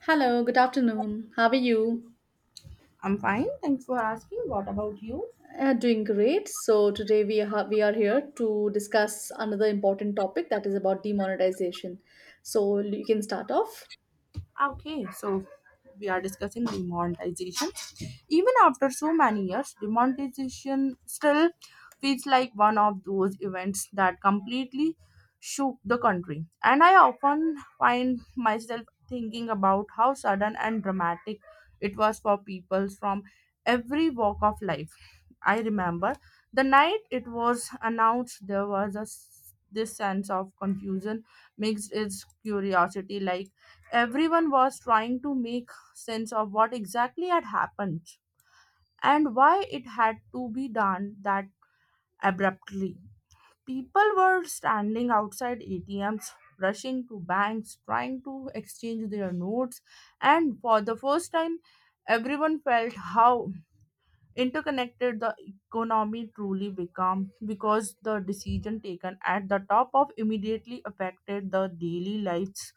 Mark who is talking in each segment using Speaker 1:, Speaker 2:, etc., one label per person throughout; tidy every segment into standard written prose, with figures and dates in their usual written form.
Speaker 1: Hello, good afternoon. How are you?
Speaker 2: I'm fine. Thanks for asking. What about you?
Speaker 1: Doing great. So today we are here to discuss another important topic that is about demonetization. So you can start off.
Speaker 2: Okay, so we are discussing demonetization. Even after so many years, demonetization still feels like one of those events that completely shook the country. And I often find myself thinking about how sudden and dramatic it was for people from every walk of life. I remember the night it was announced there was this sense of confusion mixed with curiosity, like everyone was trying to make sense of what exactly had happened and why it had to be done that abruptly. People were standing outside ATMs, rushing to banks, trying to exchange their notes, and for the first time, everyone felt how interconnected the economy truly become, because the decision taken at the top of immediately affected the daily lives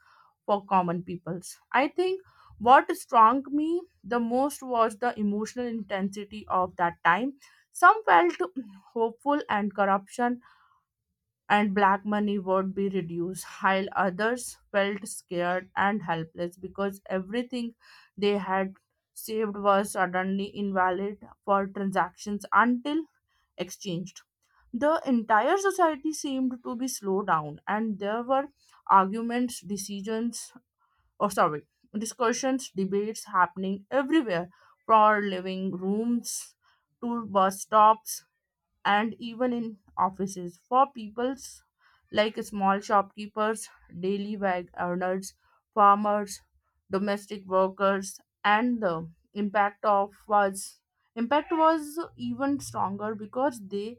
Speaker 2: for common peoples. I think what struck me the most was the emotional intensity of that time. Some felt hopeful and corruption and black money would be reduced, while others felt scared and helpless because everything they had saved was suddenly invalid for transactions until exchanged. The entire society seemed to be slowed down, and there were arguments, or sorry, discussions, debates happening everywhere, for living rooms to bus stops and even in offices, for peoples like small shopkeepers, daily wage earners, farmers, domestic workers. And the impact of was impact was even stronger because they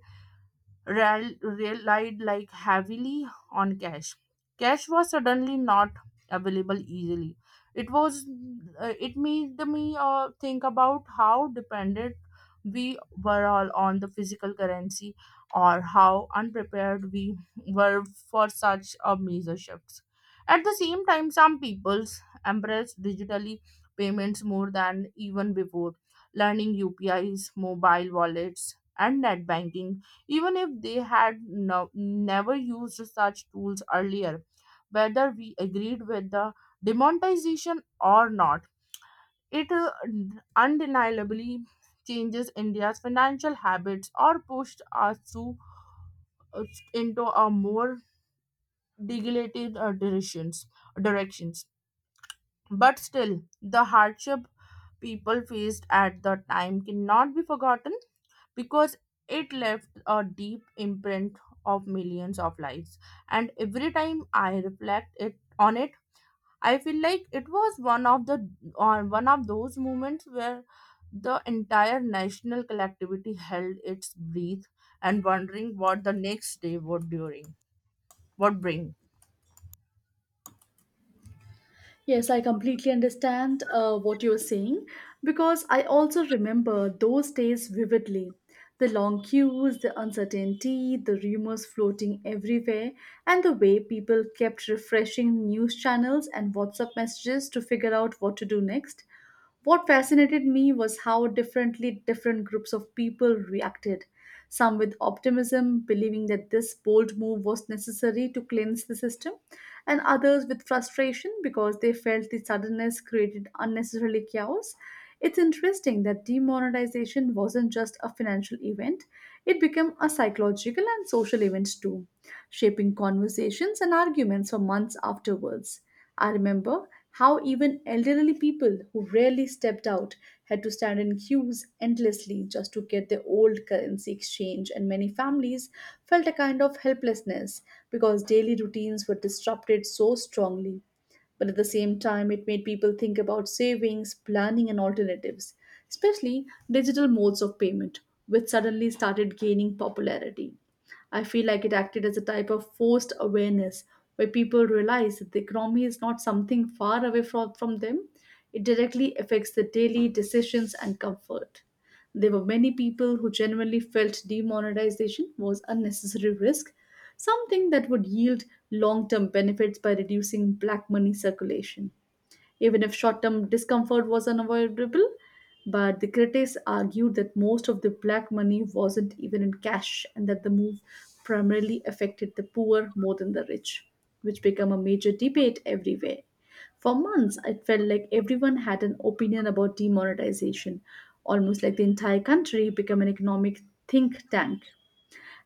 Speaker 2: relied like heavily on cash. Cash was suddenly not available easily. It was, it made me think about how dependent we were all on the physical currency, or how unprepared we were for such a major shifts. At the same time, some peoples embrace digitally payments more than even before, learning UPIs, mobile wallets, and net banking even if they had never used such tools earlier. Whether we agreed with the demonetization or not, it undeniably changes India's financial habits or pushed us to, uh, into a more deregulated directions directions. But still, the hardship people faced at the time cannot be forgotten, because it left a deep imprint of millions of lives. And every time I reflect it on it, I feel like it was one of the on one of those moments where the entire national collectivity held its breath and wondering what the next day would bring.
Speaker 1: Yes, I completely understand what you are saying because I also remember those days vividly. The long queues, the uncertainty, the rumors floating everywhere, and the way people kept refreshing news channels and WhatsApp messages to figure out what to do next. What fascinated me was how differently different groups of people reacted. Some with optimism, believing that this bold move was necessary to cleanse the system, and others with frustration because they felt the suddenness created unnecessarily chaos. It's interesting that demonetization wasn't just a financial event, it became a psychological and social event too, shaping conversations and arguments for months afterwards. I remember how even elderly people who rarely stepped out had to stand in queues endlessly just to get their old currency exchange, and many families felt a kind of helplessness because daily routines were disrupted so strongly. But at the same time, it made people think about savings, planning, and alternatives, especially digital modes of payment, which suddenly started gaining popularity. I feel like it acted as a type of forced awareness where people realize that the economy is not something far away from them, it directly affects their daily decisions and comfort. There were many people who genuinely felt demonetization was unnecessary risk, something that would yield long term benefits by reducing black money circulation. Even if short term discomfort was unavoidable, but the critics argued that most of the black money wasn't even in cash and that the move primarily affected the poor more than the rich, which became a major debate everywhere. For months, it felt like everyone had an opinion about demonetization, almost like the entire country became an economic think tank.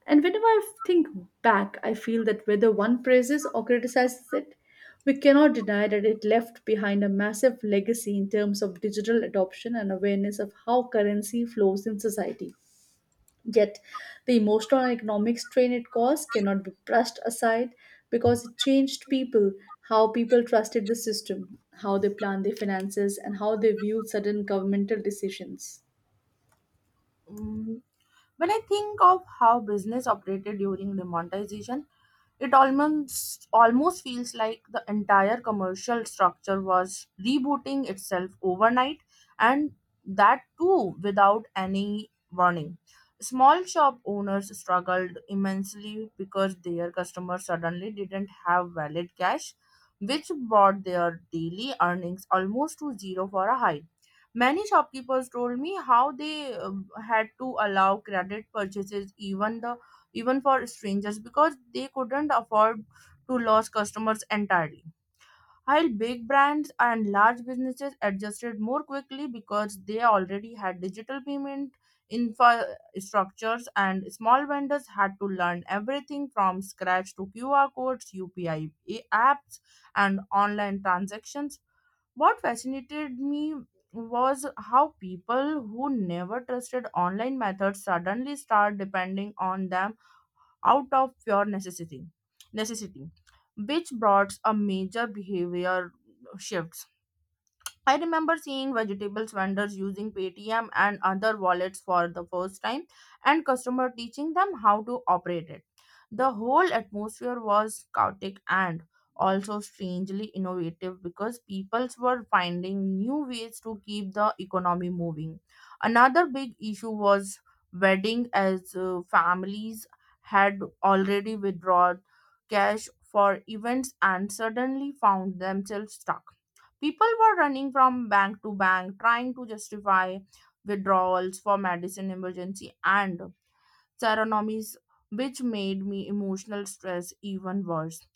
Speaker 1: And whenever I think back, I feel that whether one praises or criticizes it, we cannot deny that it left behind a massive legacy in terms of digital adoption and awareness of how currency flows in society. Yet, the emotional and economic strain it caused cannot be brushed aside because it changed people, how people trusted the system, how they planned their finances, and how they viewed certain governmental decisions.
Speaker 2: Mm, when I think of how business operated during the monetization, it almost feels like the entire commercial structure was rebooting itself overnight, and that too without any warning. Small shop owners struggled immensely because their customers suddenly didn't have valid cash, which brought their daily earnings almost to zero for a high. Many shopkeepers told me how they had to allow credit purchases, even for strangers, because they couldn't afford to lose customers entirely. While big brands and large businesses adjusted more quickly because they already had digital payment infrastructures, and small vendors had to learn everything from scratch to QR codes, UPI apps, and online transactions. What fascinated me was how people who never trusted online methods suddenly start depending on them out of pure necessity, which brought a major behavior shift. I remember seeing vegetables vendors using Paytm and other wallets for the first time, and customer teaching them how to operate it. The whole atmosphere was chaotic and also strangely innovative, because people were finding new ways to keep the economy moving. Another big issue was wedding, as families had already withdrawn cash for events and suddenly found themselves stuck. People were running from bank to bank trying to justify withdrawals for medicine emergency and seronomies, which made me emotional stress even worse.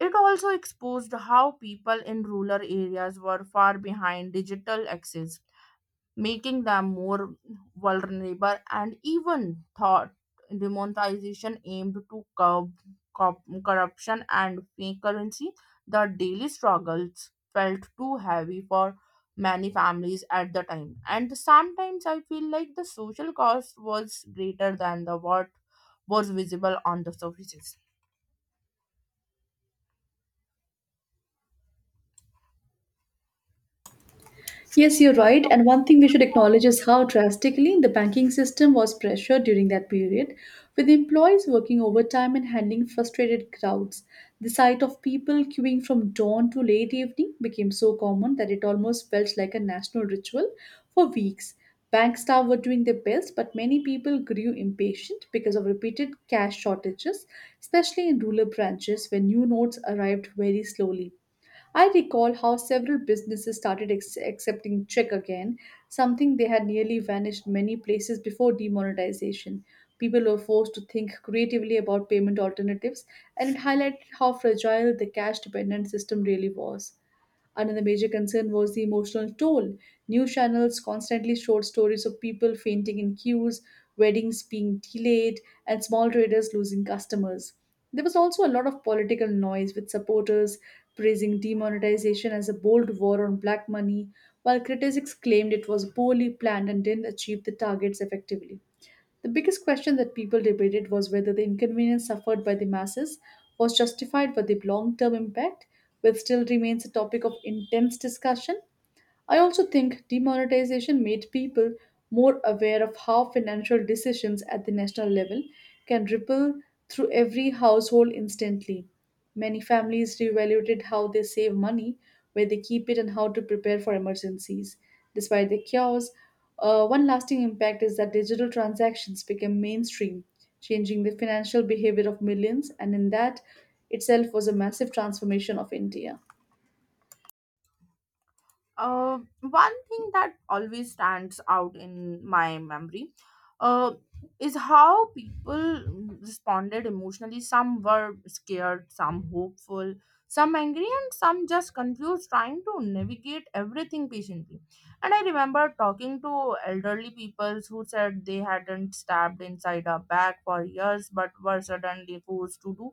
Speaker 2: It also exposed how people in rural areas were far behind digital access, making them more vulnerable. And even thought demonetization aimed to curb corruption and fake currency, the daily struggles felt too heavy for many families at the time. And sometimes I feel like the social cost was greater than the what was visible on the surface.
Speaker 1: Yes, you're right. And one thing we should acknowledge is how drastically the banking system was pressured during that period, with employees working overtime and handling frustrated crowds. The sight of people queuing from dawn to late evening became so common that it almost felt like a national ritual for weeks. Bank staff were doing their best, but many people grew impatient because of repeated cash shortages, especially in rural branches where new notes arrived very slowly. I recall how several businesses started accepting check again, something they had nearly vanished many places before demonetization. People were forced to think creatively about payment alternatives, and it highlighted how fragile the cash dependent system really was. Another major concern was the emotional toll. News channels constantly showed stories of people fainting in queues, weddings being delayed, and small traders losing customers. There was also a lot of political noise with supporters praising demonetization as a bold war on black money, while critics claimed it was poorly planned and didn't achieve the targets effectively. The biggest question that people debated was whether the inconvenience suffered by the masses was justified by the long term impact, which still remains a topic of intense discussion. I also think demonetization made people more aware of how financial decisions at the national level can ripple through every household instantly. Many families reevaluated how they save money, where they keep it, and how to prepare for emergencies. Despite the chaos, one lasting impact is that digital transactions became mainstream, changing the financial behavior of millions, and in that itself was a massive transformation of India.
Speaker 2: One thing that always stands out in my memory uh, is how people responded emotionally. Some were scared, some hopeful, some angry, and some just confused, trying to navigate everything patiently. And I remember talking to elderly people who said they hadn't stabbed inside a bag for years but were suddenly forced to do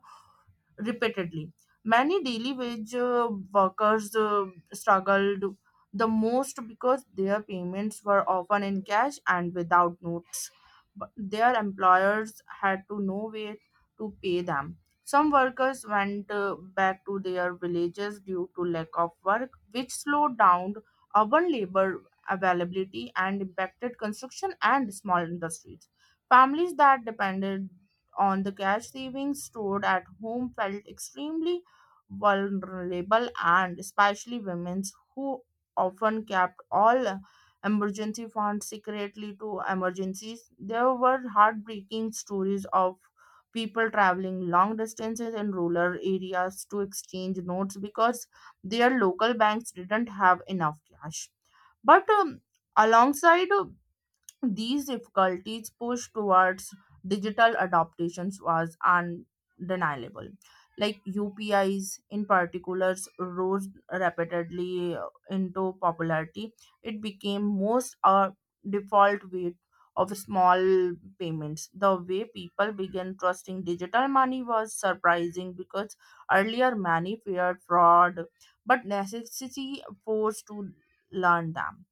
Speaker 2: repeatedly. Many daily wage workers struggled the most because their payments were often in cash and without notice but their employers had to no way to pay them. Some workers went back to their villages due to lack of work, which slowed down urban labor availability and impacted construction and small industries. Families that depended on the cash savings stored at home felt extremely vulnerable, and especially women who often kept all emergency funds secretly to emergencies. There were heartbreaking stories of people traveling long distances in rural areas to exchange notes because their local banks didn't have enough cash. But alongside these difficulties push towards digital adaptations was undeniable. Like UPIs in particular rose rapidly into popularity. It became most a default way of small payments. The way people began trusting digital money was surprising because earlier many feared fraud, but necessity forced to learn them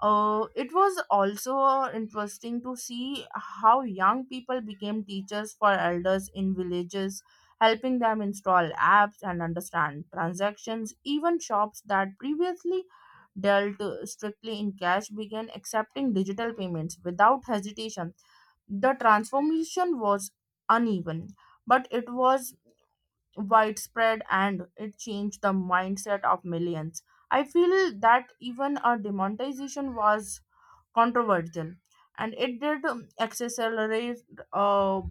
Speaker 2: it was also interesting to see how young people became teachers for elders in villages, helping them install apps and understand transactions. Even shops that previously dealt strictly in cash began accepting digital payments without hesitation. The transformation was uneven, but it was widespread and it changed the mindset of millions. I feel that even a demonetization was controversial and it did accelerate a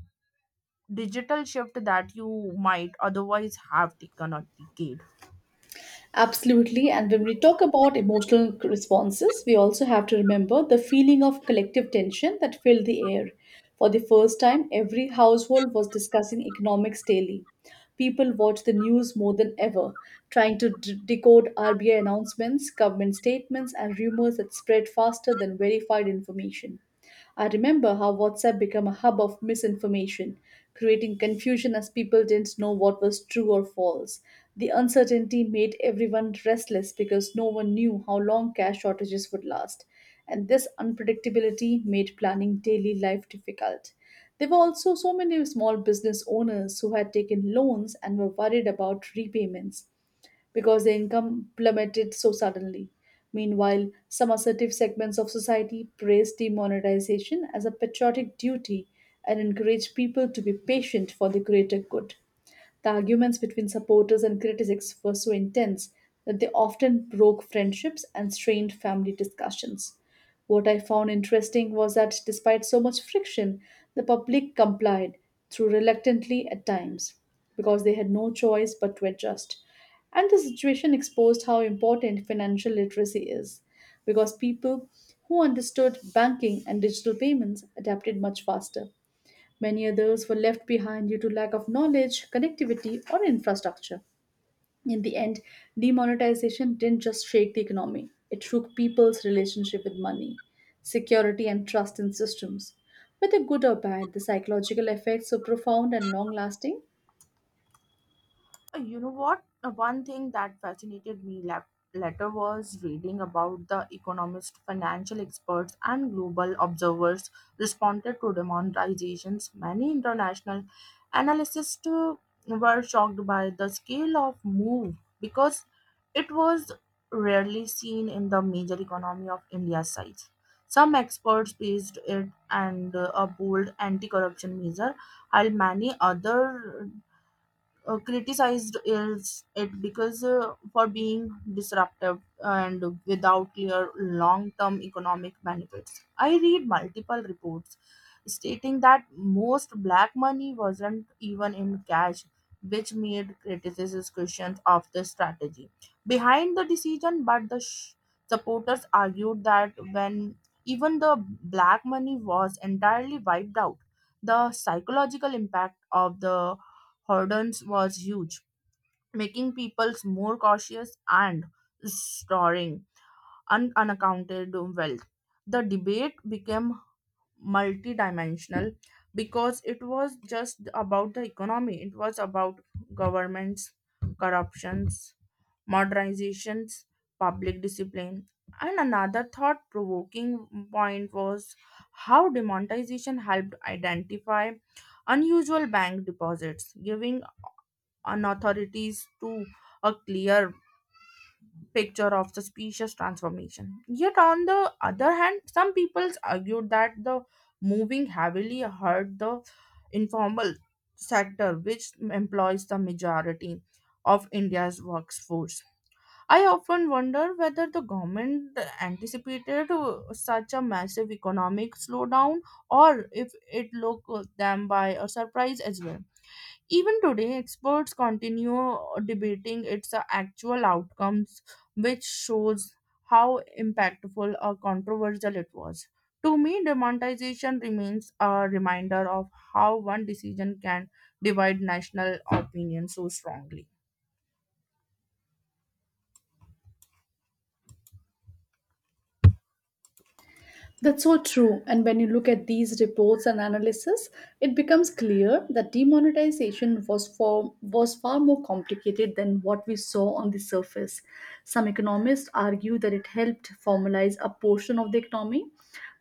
Speaker 2: digital shift that you might otherwise have taken a decade
Speaker 1: Absolutely. And when we talk about emotional responses, we also have to remember the feeling of collective tension that filled the air. For the first time, every household was discussing economics daily. People watched the news more than ever, trying to decode RBI announcements, government statements, and rumors that spread faster than verified information. I remember how WhatsApp became a hub of misinformation, creating confusion as people didn't know what was true or false. The uncertainty made everyone restless because no one knew how long cash shortages would last, and this unpredictability made planning daily life difficult. There were also so many small business owners who had taken loans and were worried about repayments because their income plummeted so suddenly. Meanwhile, some assertive segments of society praise demonetization as a patriotic duty and encourage people to be patient for the greater good. The arguments between supporters and critics were so intense that they often broke friendships and strained family discussions. What I found interesting was that despite so much friction, the public complied, though reluctantly at times, because they had no choice but to adjust. And the situation exposed how important financial literacy is, because people who understood banking and digital payments adapted much faster. Many others were left behind due to lack of knowledge, connectivity, or infrastructure. In the end, demonetization didn't just shake the economy, it shook people's relationship with money, security, and trust in systems. Whether good or bad, the psychological effects were profound and long lasting.
Speaker 2: You know what? One thing that fascinated me later was reading about the economists, financial experts, and global observers responded to demonetizations. Many international analysts too were shocked by the scale of move, because it was rarely seen in the major economy of India's size. Some experts praised it and a bold anti-corruption measure, while many other criticized is it because, for being disruptive and without clear long-term economic benefits. I read multiple reports stating that most black money wasn't even in cash, which made criticisms questions of the strategy behind the decision. But the supporters argued that when even the black money was entirely wiped out, the psychological impact of the hurdles was huge, making people more cautious and storing unaccounted wealth. The debate became multidimensional because it was just about the economy, it was about governments, corruptions, modernizations, public discipline. And another thought provoking point was how demonetization helped identify unusual bank deposits, giving on authorities to a clear picture of suspicious transformation. Yet, on the other hand, some people argued that the moving heavily hurt the informal sector, which employs the majority of India's workforce. I often wonder whether the government anticipated such a massive economic slowdown, or if it looked them by a surprise as well. Even today, experts continue debating its actual outcomes, which shows how impactful or controversial it was. To me, demonetization remains a reminder of how one decision can divide national opinion so strongly.
Speaker 1: That's so true. And when you look at these reports and analysis, it becomes clear that demonetization was far more complicated than what we saw on the surface. Some economists argue that it helped formalize a portion of the economy,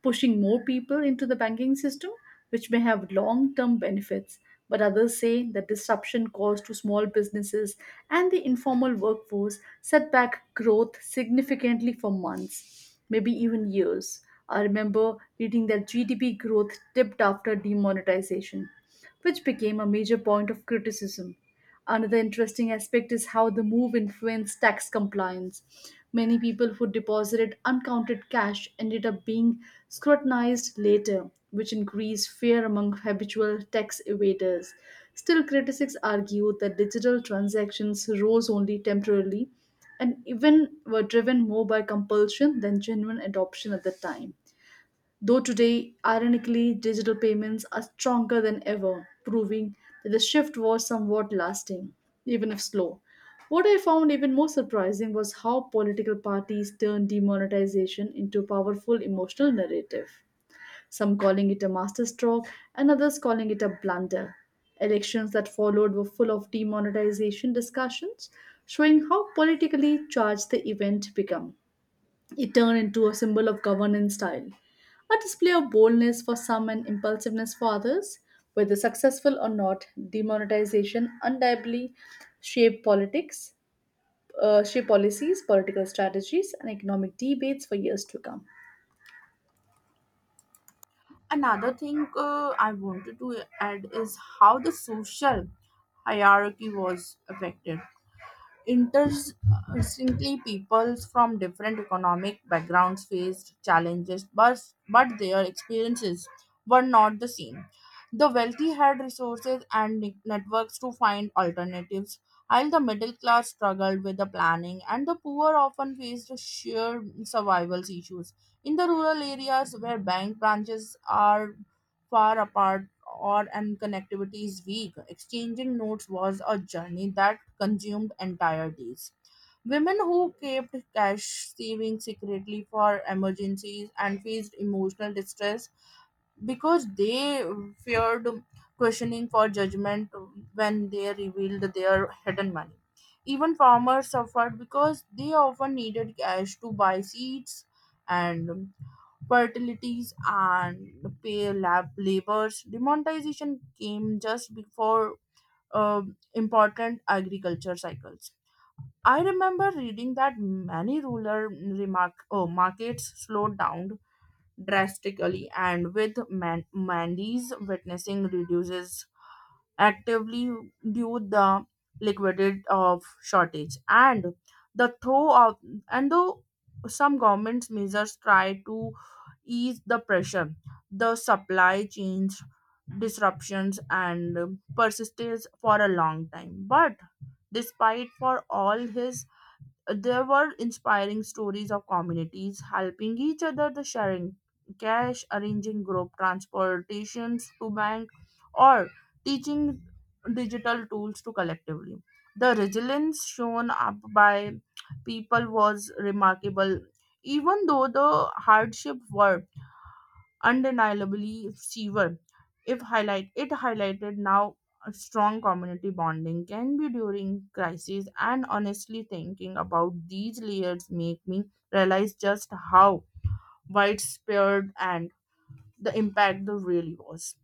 Speaker 1: pushing more people into the banking system, which may have long term benefits. But others say the disruption caused to small businesses and the informal workforce set back growth significantly for months, maybe even years. I remember reading that GDP growth dipped after demonetization, which became a major point of criticism. Another interesting aspect is how the move influenced tax compliance. Many people who deposited uncounted cash ended up being scrutinized later, which increased fear among habitual tax evaders. Still, critics argue that digital transactions rose only temporarily and even were driven more by compulsion than genuine adoption at the time. Though today, ironically, digital payments are stronger than ever, proving that the shift was somewhat lasting, even if slow. What I found even more surprising was how political parties turned demonetization into a powerful emotional narrative, some calling it a masterstroke and others calling it a blunder. Elections that followed were full of demonetization discussions, showing how politically charged the event became. It turned into a symbol of governance style, a display of boldness for some and impulsiveness for others. Whether successful or not, demonetization undeniably shaped politics, shaped policies, political strategies, and economic debates for years to come.
Speaker 2: Another thing I wanted to add is how the social hierarchy was affected. Interestingly, people from different economic backgrounds faced challenges, but their experiences were not the same. The wealthy had resources and networks to find alternatives, while the middle class struggled with the planning, and the poor often faced sheer survival issues. In the rural areas where bank branches are far apart or and connectivity is weak, exchanging notes was a journey that consumed entire days. Women who kept cash savings secretly for emergencies and faced emotional distress because they feared questioning for judgment when they revealed their hidden money. Even farmers suffered because they often needed cash to buy seeds and fertilities and pay laborers. Demonetization came just before important agriculture cycles. I remember reading that many rural markets slowed down drastically, and with Mandy's witnessing reduces actively due the liquidity of shortage and the though of and though some governments measures try to ease the pressure, the supply chains disruptions and persistence for a long time. But despite for all his, there were inspiring stories of communities helping each other, the sharing cash, arranging group transportations to bank, or teaching digital tools to collectively. The resilience shown up by people was remarkable, even though the hardship were undeniably fever. If highlight it highlighted now a strong community bonding can be during crises, and honestly thinking about these layers make me realize just how widespread and the impact there really was.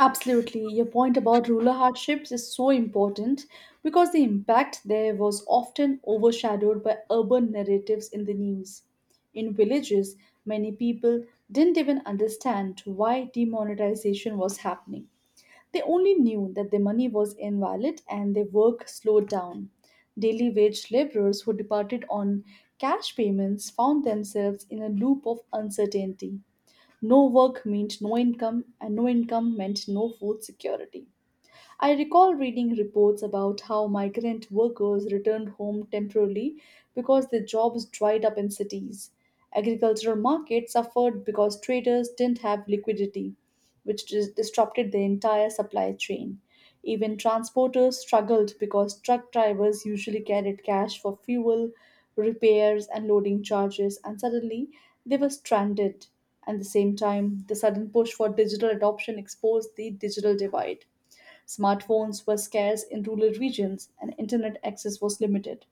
Speaker 1: Absolutely. Your point about rural hardships is so important because the impact there was often overshadowed by urban narratives in the news. In villages, many people didn't even understand why demonetization was happening. They only knew that their money was invalid and their work slowed down. Daily wage laborers who departed on cash payments found themselves in a loop of uncertainty. No work meant no income, and no income meant no food security. I recall reading reports about how migrant workers returned home temporarily because their jobs dried up in cities. Agricultural markets suffered because traders didn't have liquidity, which disrupted the entire supply chain. Even transporters struggled because truck drivers usually carried cash for fuel, repairs, and loading charges, and suddenly they were stranded. At the same time, the sudden push for digital adoption exposed the digital divide. Smartphones were scarce in rural regions and internet access was limited.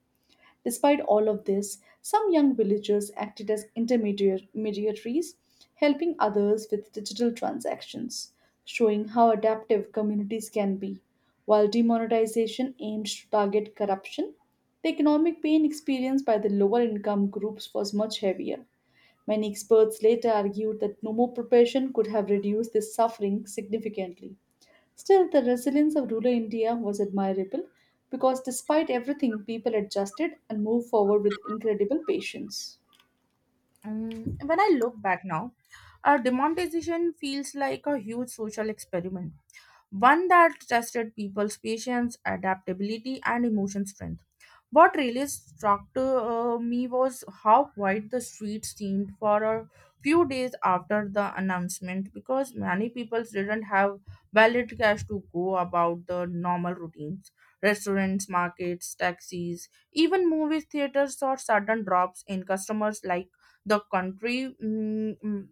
Speaker 1: Despite all of this, some young villagers acted as intermediaries, helping others with digital transactions, showing how adaptive communities can be. While demonetization aimed to target corruption, the economic pain experienced by the lower income groups was much heavier. Many experts later argued that no more preparation could have reduced this suffering significantly. Still, the resilience of rural India was admirable because despite everything, people adjusted and moved forward with incredible patience.
Speaker 2: Mm, when I look back now, demonetization feels like a huge social experiment, one that tested people's patience, adaptability, and emotion strength. What really struck me was how quiet the streets seemed for a few days after the announcement, because many people didn't have valid cash to go about the normal routines. Restaurants, markets, taxis, even movie theaters saw sudden drops in customers, like the country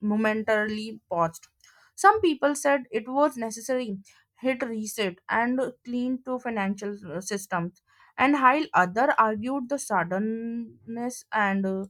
Speaker 2: momentarily paused. Some people said it was necessary, hit reset, and clean to financial systems. And while other argued the suddenness and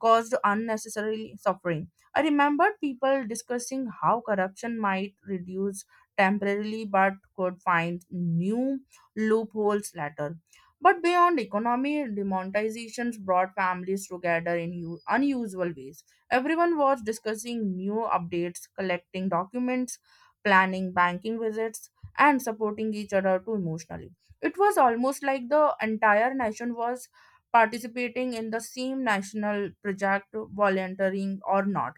Speaker 2: caused unnecessary suffering. I remembered people discussing how corruption might reduce temporarily but could find new loopholes later. But beyond economy, demonetizations brought families together in unusual ways. Everyone was discussing new updates, collecting documents, planning banking visits, and supporting each other too emotionally. It was almost like the entire nation was participating in the same national project, volunteering or not.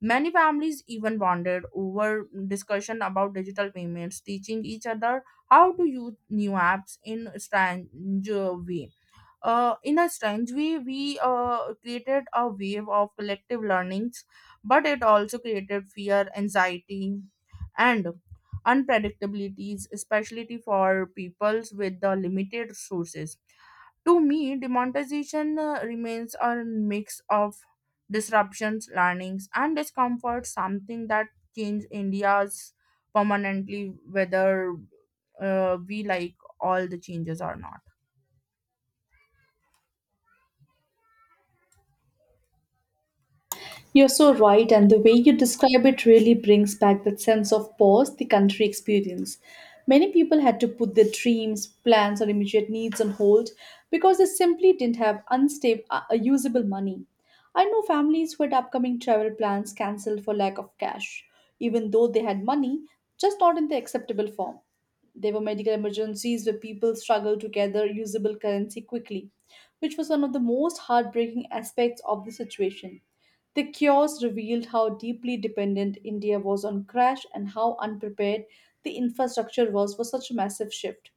Speaker 2: Many families even bonded over discussion about digital payments, teaching each other how to use new apps in a strange way in a strange way. We created a wave of collective learnings, but it also created fear, anxiety, and unpredictabilities, especially for peoples with the limited resources. To me, demonetization remains a mix of disruptions, learnings, and discomfort, something that changed India's permanently, whether we like all the changes or not.
Speaker 1: You're so right, and the way you describe it really brings back that sense of pause the country experience. Many people had to put their dreams, plans, or immediate needs on hold because they simply didn't have unstable, usable money. I know families who had upcoming travel plans cancelled for lack of cash, even though they had money, just not in the acceptable form. There were medical emergencies where people struggled to gather usable currency quickly, which was one of the most heartbreaking aspects of the situation. The chaos revealed how deeply dependent India was on crash and how unprepared the infrastructure was for such a massive shift.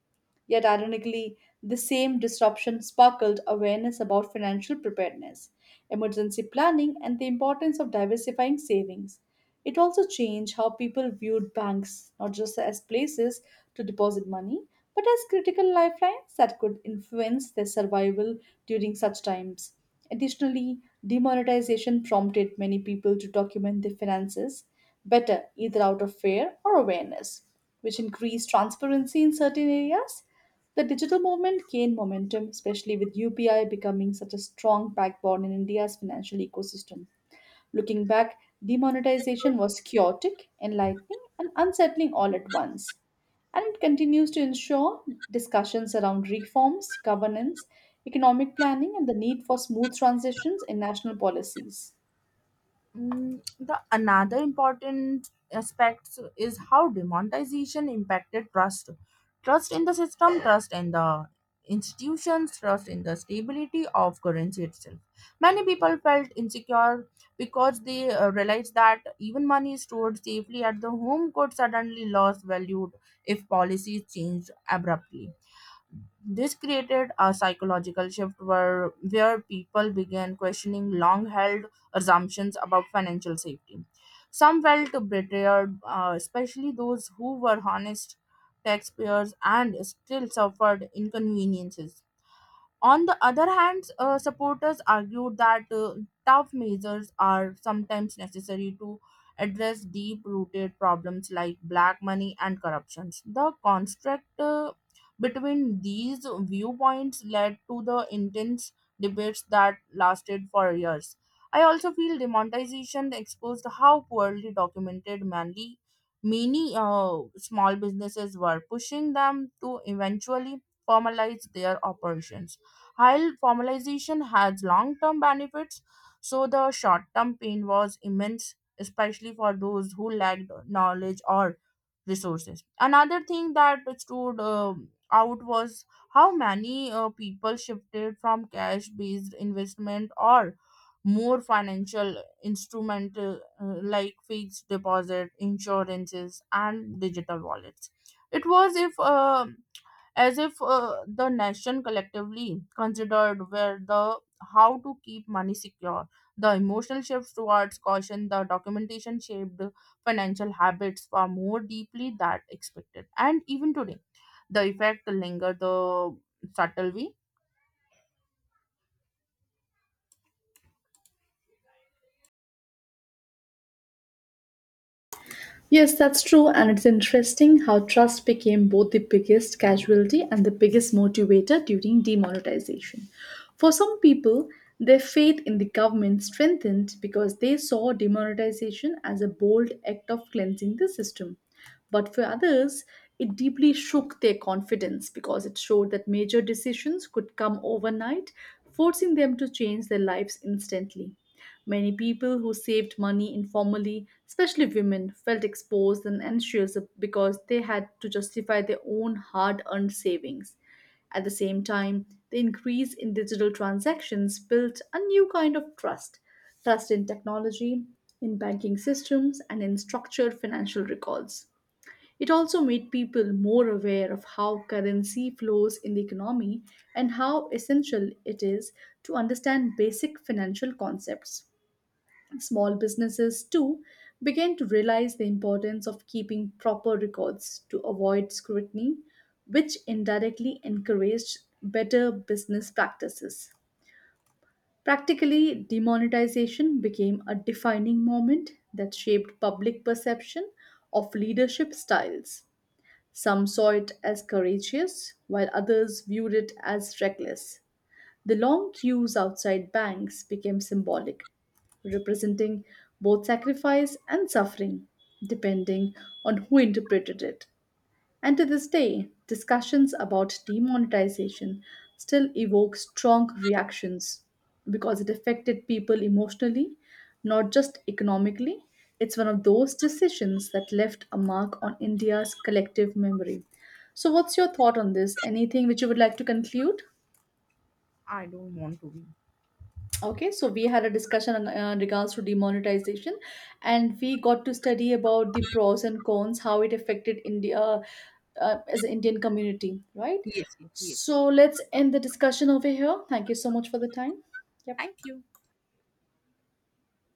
Speaker 1: Yet, ironically, the same disruption sparkled awareness about financial preparedness, emergency planning, and the importance of diversifying savings. It also changed how people viewed banks, not just as places to deposit money, but as critical lifelines that could influence their survival during such times. Additionally, demonetization prompted many people to document their finances better, either out of fear or awareness, which increased transparency in certain areas. The digital movement gained momentum, especially with UPI becoming such a strong backbone in India's financial ecosystem. Looking back, demonetization was chaotic, enlightening, and unsettling all at once. And it continues to ensure discussions around reforms, governance, economic planning, and the need for smooth transitions in national policies.
Speaker 2: Mm, the another important aspect is how demonetization impacted trust, trust in the system, trust in the institutions, trust in the stability of currency itself. Many people felt insecure because they realized that even money stored safely at the home could suddenly lose value if policies changed abruptly. This created a psychological shift where people began questioning long held assumptions about financial safety. Some felt betrayed, especially those who were honest taxpayers and still suffered inconveniences. On the other hand, supporters argued that, tough measures are sometimes necessary to address deep rooted problems like black money and corruptions. The construct between these viewpoints led to the intense debates that lasted for years. I also feel demonetization exposed how poorly documented many small businesses were, pushing them to eventually formalize their operations. While formalization has long term benefits, so the short term pain was immense, especially for those who lacked knowledge or resources. Another thing that stood out was how many people shifted from cash based investment or more financial instrument, like fixed deposit, insurances, and digital wallets. It was if as if the nation collectively considered where the how to keep money secure, the emotional shifts towards caution, the documentation shaped financial habits far more deeply than expected. And even today the effect linger the subtle way.
Speaker 1: Yes, that's true, and it's interesting how trust became both the biggest casualty and the biggest motivator during demonetization. For some people, their faith in the government strengthened because they saw demonetization as a bold act of cleansing the system. But for others, it deeply shook their confidence because it showed that major decisions could come overnight, forcing them to change their lives instantly. Many people who saved money informally, especially women, felt exposed and anxious because they had to justify their own hard earned savings. At the same time, the increase in digital transactions built a new kind of trust, trust in technology, in banking systems, and in structured financial records. It also made people more aware of how currency flows in the economy and how essential it is to understand basic financial concepts. Small businesses, too, began to realize the importance of keeping proper records to avoid scrutiny, which indirectly encouraged better business practices. Practically, demonetization became a defining moment that shaped public perception of leadership styles. Some saw it as courageous, while others viewed it as reckless. The long queues outside banks became symbolic, representing both sacrifice and suffering, depending on who interpreted it. And to this day, discussions about demonetization still evoke strong reactions because it affected people emotionally, not just economically. It's one of those decisions that left a mark on India's collective memory. So, what's your thought on this? Anything which you would like to conclude?
Speaker 2: I don't want to be.
Speaker 1: Okay, so we had a discussion on, regards to demonetization, and we got to study about the pros and cons, how it affected India as an Indian community, right?
Speaker 2: Yes, yes, yes.
Speaker 1: So let's end the discussion over here. Thank you so much for the time. Yep.
Speaker 2: Thank you.